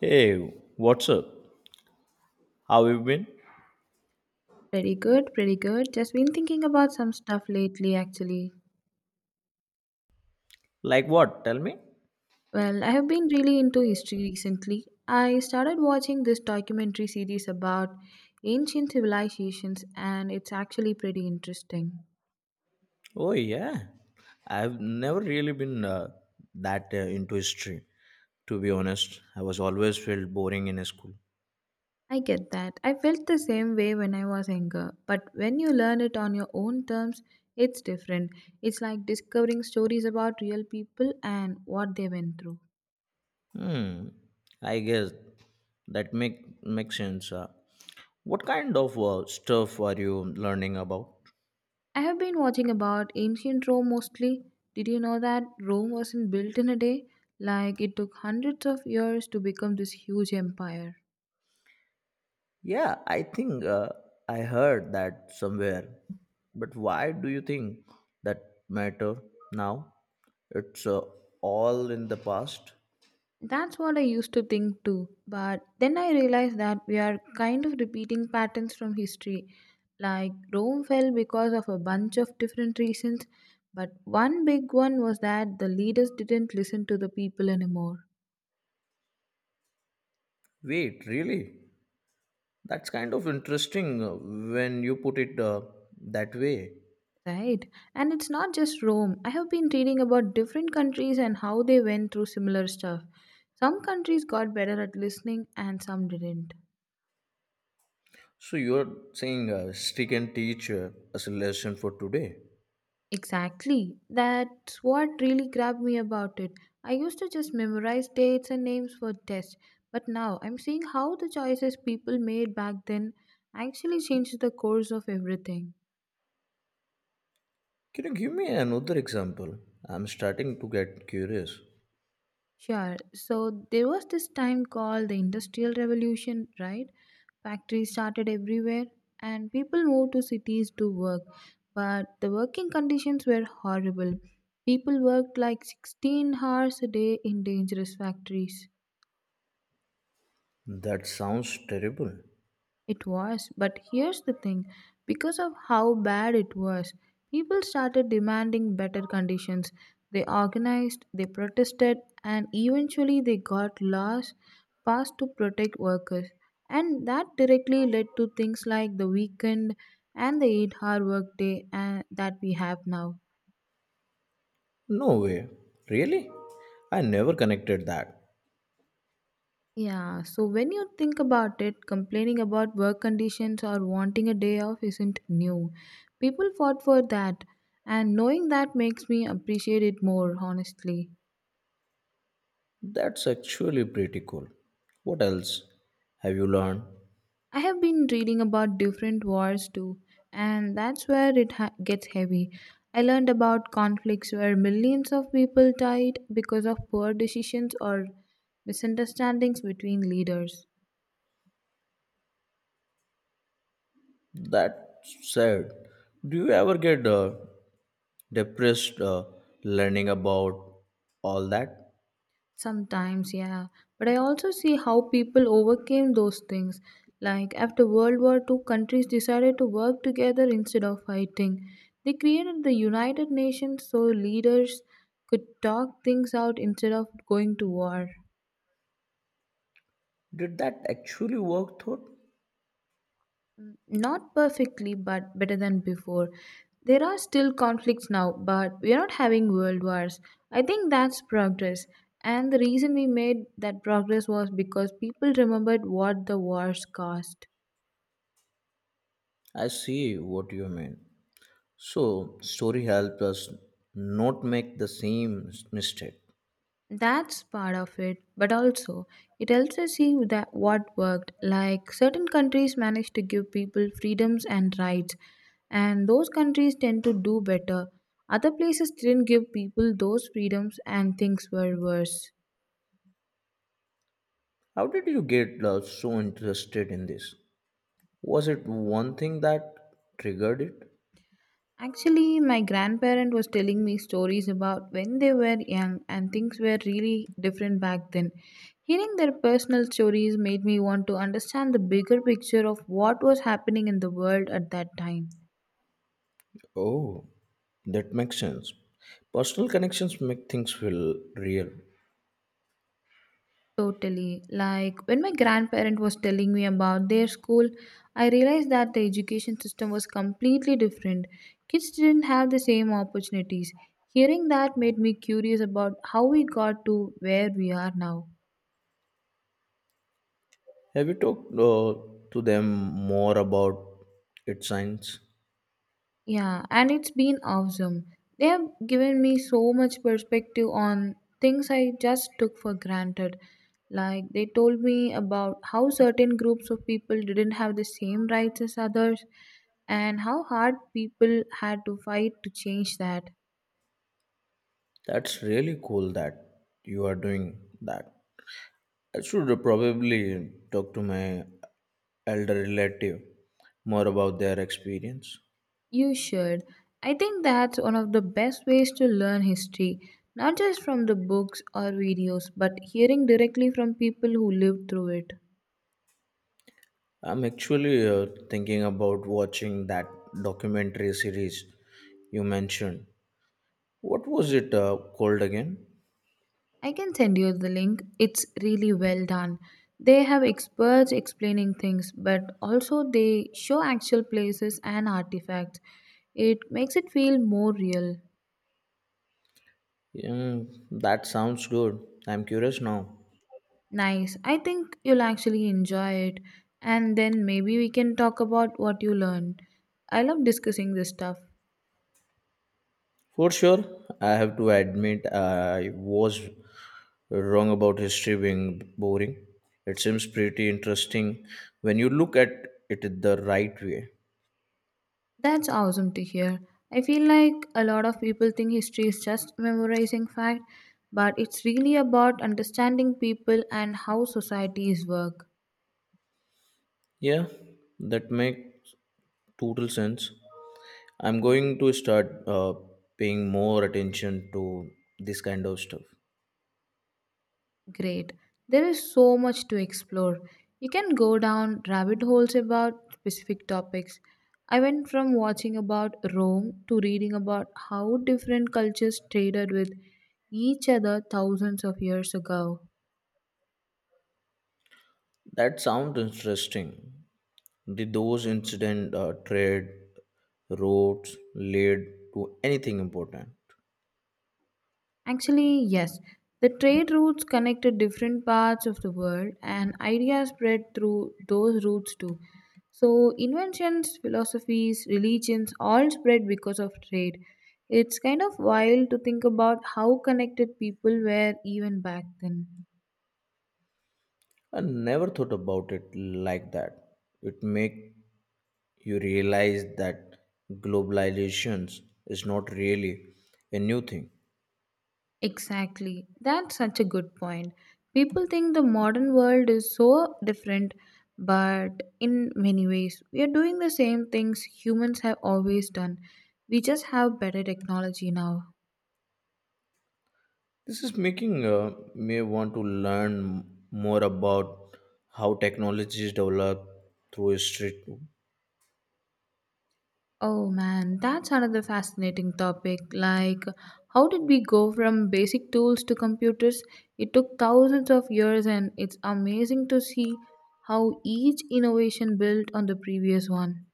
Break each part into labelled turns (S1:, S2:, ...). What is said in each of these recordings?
S1: Hey, what's up? How you been?
S2: Pretty good, pretty good. Just been thinking about some stuff lately, actually.
S1: Like what? Tell me.
S2: Well, I have been really into history recently. I started watching this documentary series about ancient civilizations, and it's actually pretty interesting.
S1: Oh yeah, I've never really been that into history. To be honest, I was always felt boring in school.
S2: I get that. I felt the same way when I was younger, but when you learn it on your own terms, it's different. It's like discovering stories about real people and what they went through.
S1: Hmm. I guess that makes sense. What kind of stuff are you learning about?
S2: I have been watching about ancient Rome mostly. Did you know that Rome wasn't built in a day? Like it took hundreds of years to become this huge empire.
S1: Yeah, I think I heard that somewhere. But why do you think that matter now? It's all in the past.
S2: That's what I used to think too, but then I realized that we are kind of repeating patterns from history. Like Rome fell because of a bunch of different reasons, but one big one was that the leaders didn't listen to the people anymore.
S1: Wait, really? That's kind of interesting when you put it that way.
S2: Right. And it's not just Rome. I have been reading about different countries and how they went through similar stuff. Some countries got better at listening and some didn't.
S1: So you're saying she can teach us a lesson for today.
S2: Exactly. That's what really grabbed me about it. I used to just memorize dates and names for tests, but now I'm seeing how the choices people made back then actually changed the course of everything.
S1: Can you give me another example? I'm starting to get curious.
S2: Sure. So there was this time called the Industrial Revolution, right? Factories started everywhere and people moved to cities to work. But the working conditions were horrible. People worked like 16 hours a day in dangerous factories.
S1: That sounds terrible.
S2: It was, but here's the thing because of how bad it was, people started demanding better conditions. They organized, they protested, and eventually they got laws passed to protect workers. And that directly led to things like the weekend and the 8-hour workday and that we have now.
S1: No way. Really? I never connected that.
S2: Yeah, so when you think about it, complaining about work conditions or wanting a day off isn't new. People fought for that, and knowing that makes me appreciate it more, honestly.
S1: That's actually pretty cool. What else have you learned?
S2: I have been reading about different wars too, and that's where it gets heavy. I learned about conflicts where millions of people died because of poor decisions or misunderstandings between leaders.
S1: That said, do you ever get depressed learning about all that.
S2: Sometimes, yeah. But I also see how people overcame those things. Like after World War Two, countries decided to work together instead of fighting. They created the United Nations so leaders could talk things out instead of going to war.
S1: Did that actually work thought?
S2: Not perfectly, but better than before. There are still conflicts now, but we are not having world wars. I think that's progress. And the reason we made that progress was because people remembered what the wars cost.
S1: I see what you mean. So story helped us not make the same mistake.
S2: That's part of it, but also it helps us see that what worked. Like certain countries manage to give people freedoms and rights, and those countries tend to do better. Other places didn't give people those freedoms, and things were worse.
S1: How did you get so interested in this? Was it one thing that triggered it?
S2: Actually, my grandparent was telling me stories about when they were young, and things were really different back then. Hearing their personal stories made me want to understand the bigger picture of what was happening in the world at that time.
S1: Oh, that makes sense. Personal connections make things feel real.
S2: Totally. Like when my grandparent was telling me about their school, I realized that the education system was completely different. Kids didn't have the same opportunities. Hearing that made me curious about how we got to where we are now.
S1: Have you talked to them more about its science?
S2: Yeah, and it's been awesome. They have given me so much perspective on things I just took for granted. Like, they told me about how certain groups of people didn't have the same rights as others and how hard people had to fight to change that.
S1: That's really cool that you are doing that. I should probably talk to my elder relative more about their experience.
S2: You should. I think that's one of the best ways to learn history, not just from the books or videos, but hearing directly from people who lived through it.
S1: I'm actually thinking about watching that documentary series you mentioned. What was it called again?
S2: I can send you the link. It's really well done. They have experts explaining things, but also they show actual places and artifacts. It makes it feel more real.
S1: Mm, that sounds good. I'm curious now.
S2: Nice. I think you'll actually enjoy it. And then maybe we can talk about what you learned. I love discussing this stuff.
S1: For sure, I have to admit I was wrong about history being boring. It seems pretty interesting when you look at it the right way.
S2: That's awesome to hear. I feel like a lot of people think history is just memorizing fact, but it's really about understanding people and how societies work.
S1: Yeah, that makes total sense. I'm going to start paying more attention to this kind of stuff.
S2: Great. There is so much to explore. You can go down rabbit holes about specific topics. I went from watching about Rome to reading about how different cultures traded with each other thousands of years ago.
S1: That sounds interesting. Did those incident trade roads lead to anything important?
S2: Actually, yes. The trade routes connected different parts of the world and ideas spread through those routes too. So, inventions, philosophies, religions all spread because of trade. It's kind of wild to think about how connected people were even back then.
S1: I never thought about it like that. It make you realize that globalizations is not really a new thing.
S2: Exactly. That's such a good point. People think the modern world is so different, but in many ways, we are doing the same things humans have always done. We just have better technology now.
S1: This is making me want to learn more about how technologies develop through history too.
S2: Oh man, that's another fascinating topic. Like, how did we go from basic tools to computers? It took thousands of years, and it's amazing to see how each innovation built on the previous one.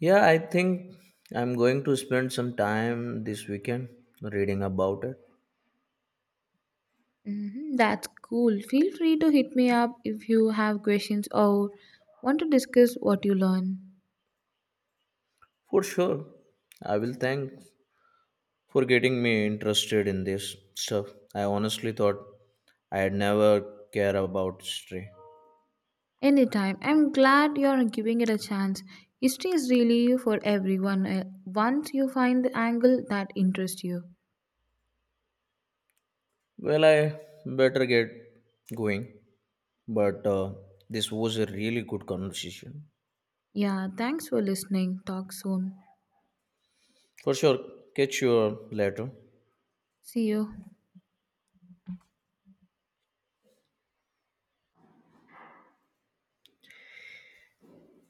S1: Yeah, I think I'm going to spend some time this weekend reading about it.
S2: Mhm. That's cool. Feel free to hit me up if you have questions or want to discuss what you learn.
S1: For sure, I will thank for getting me interested in this stuff. I honestly thought I'd never care about history.
S2: Anytime. I'm glad you're giving it a chance. History is really for everyone once you find the angle that interests you.
S1: Well, I better get going, but this was a really good conversation.
S2: Yeah, thanks for listening. Talk soon.
S1: For sure, catch you later.
S2: See you.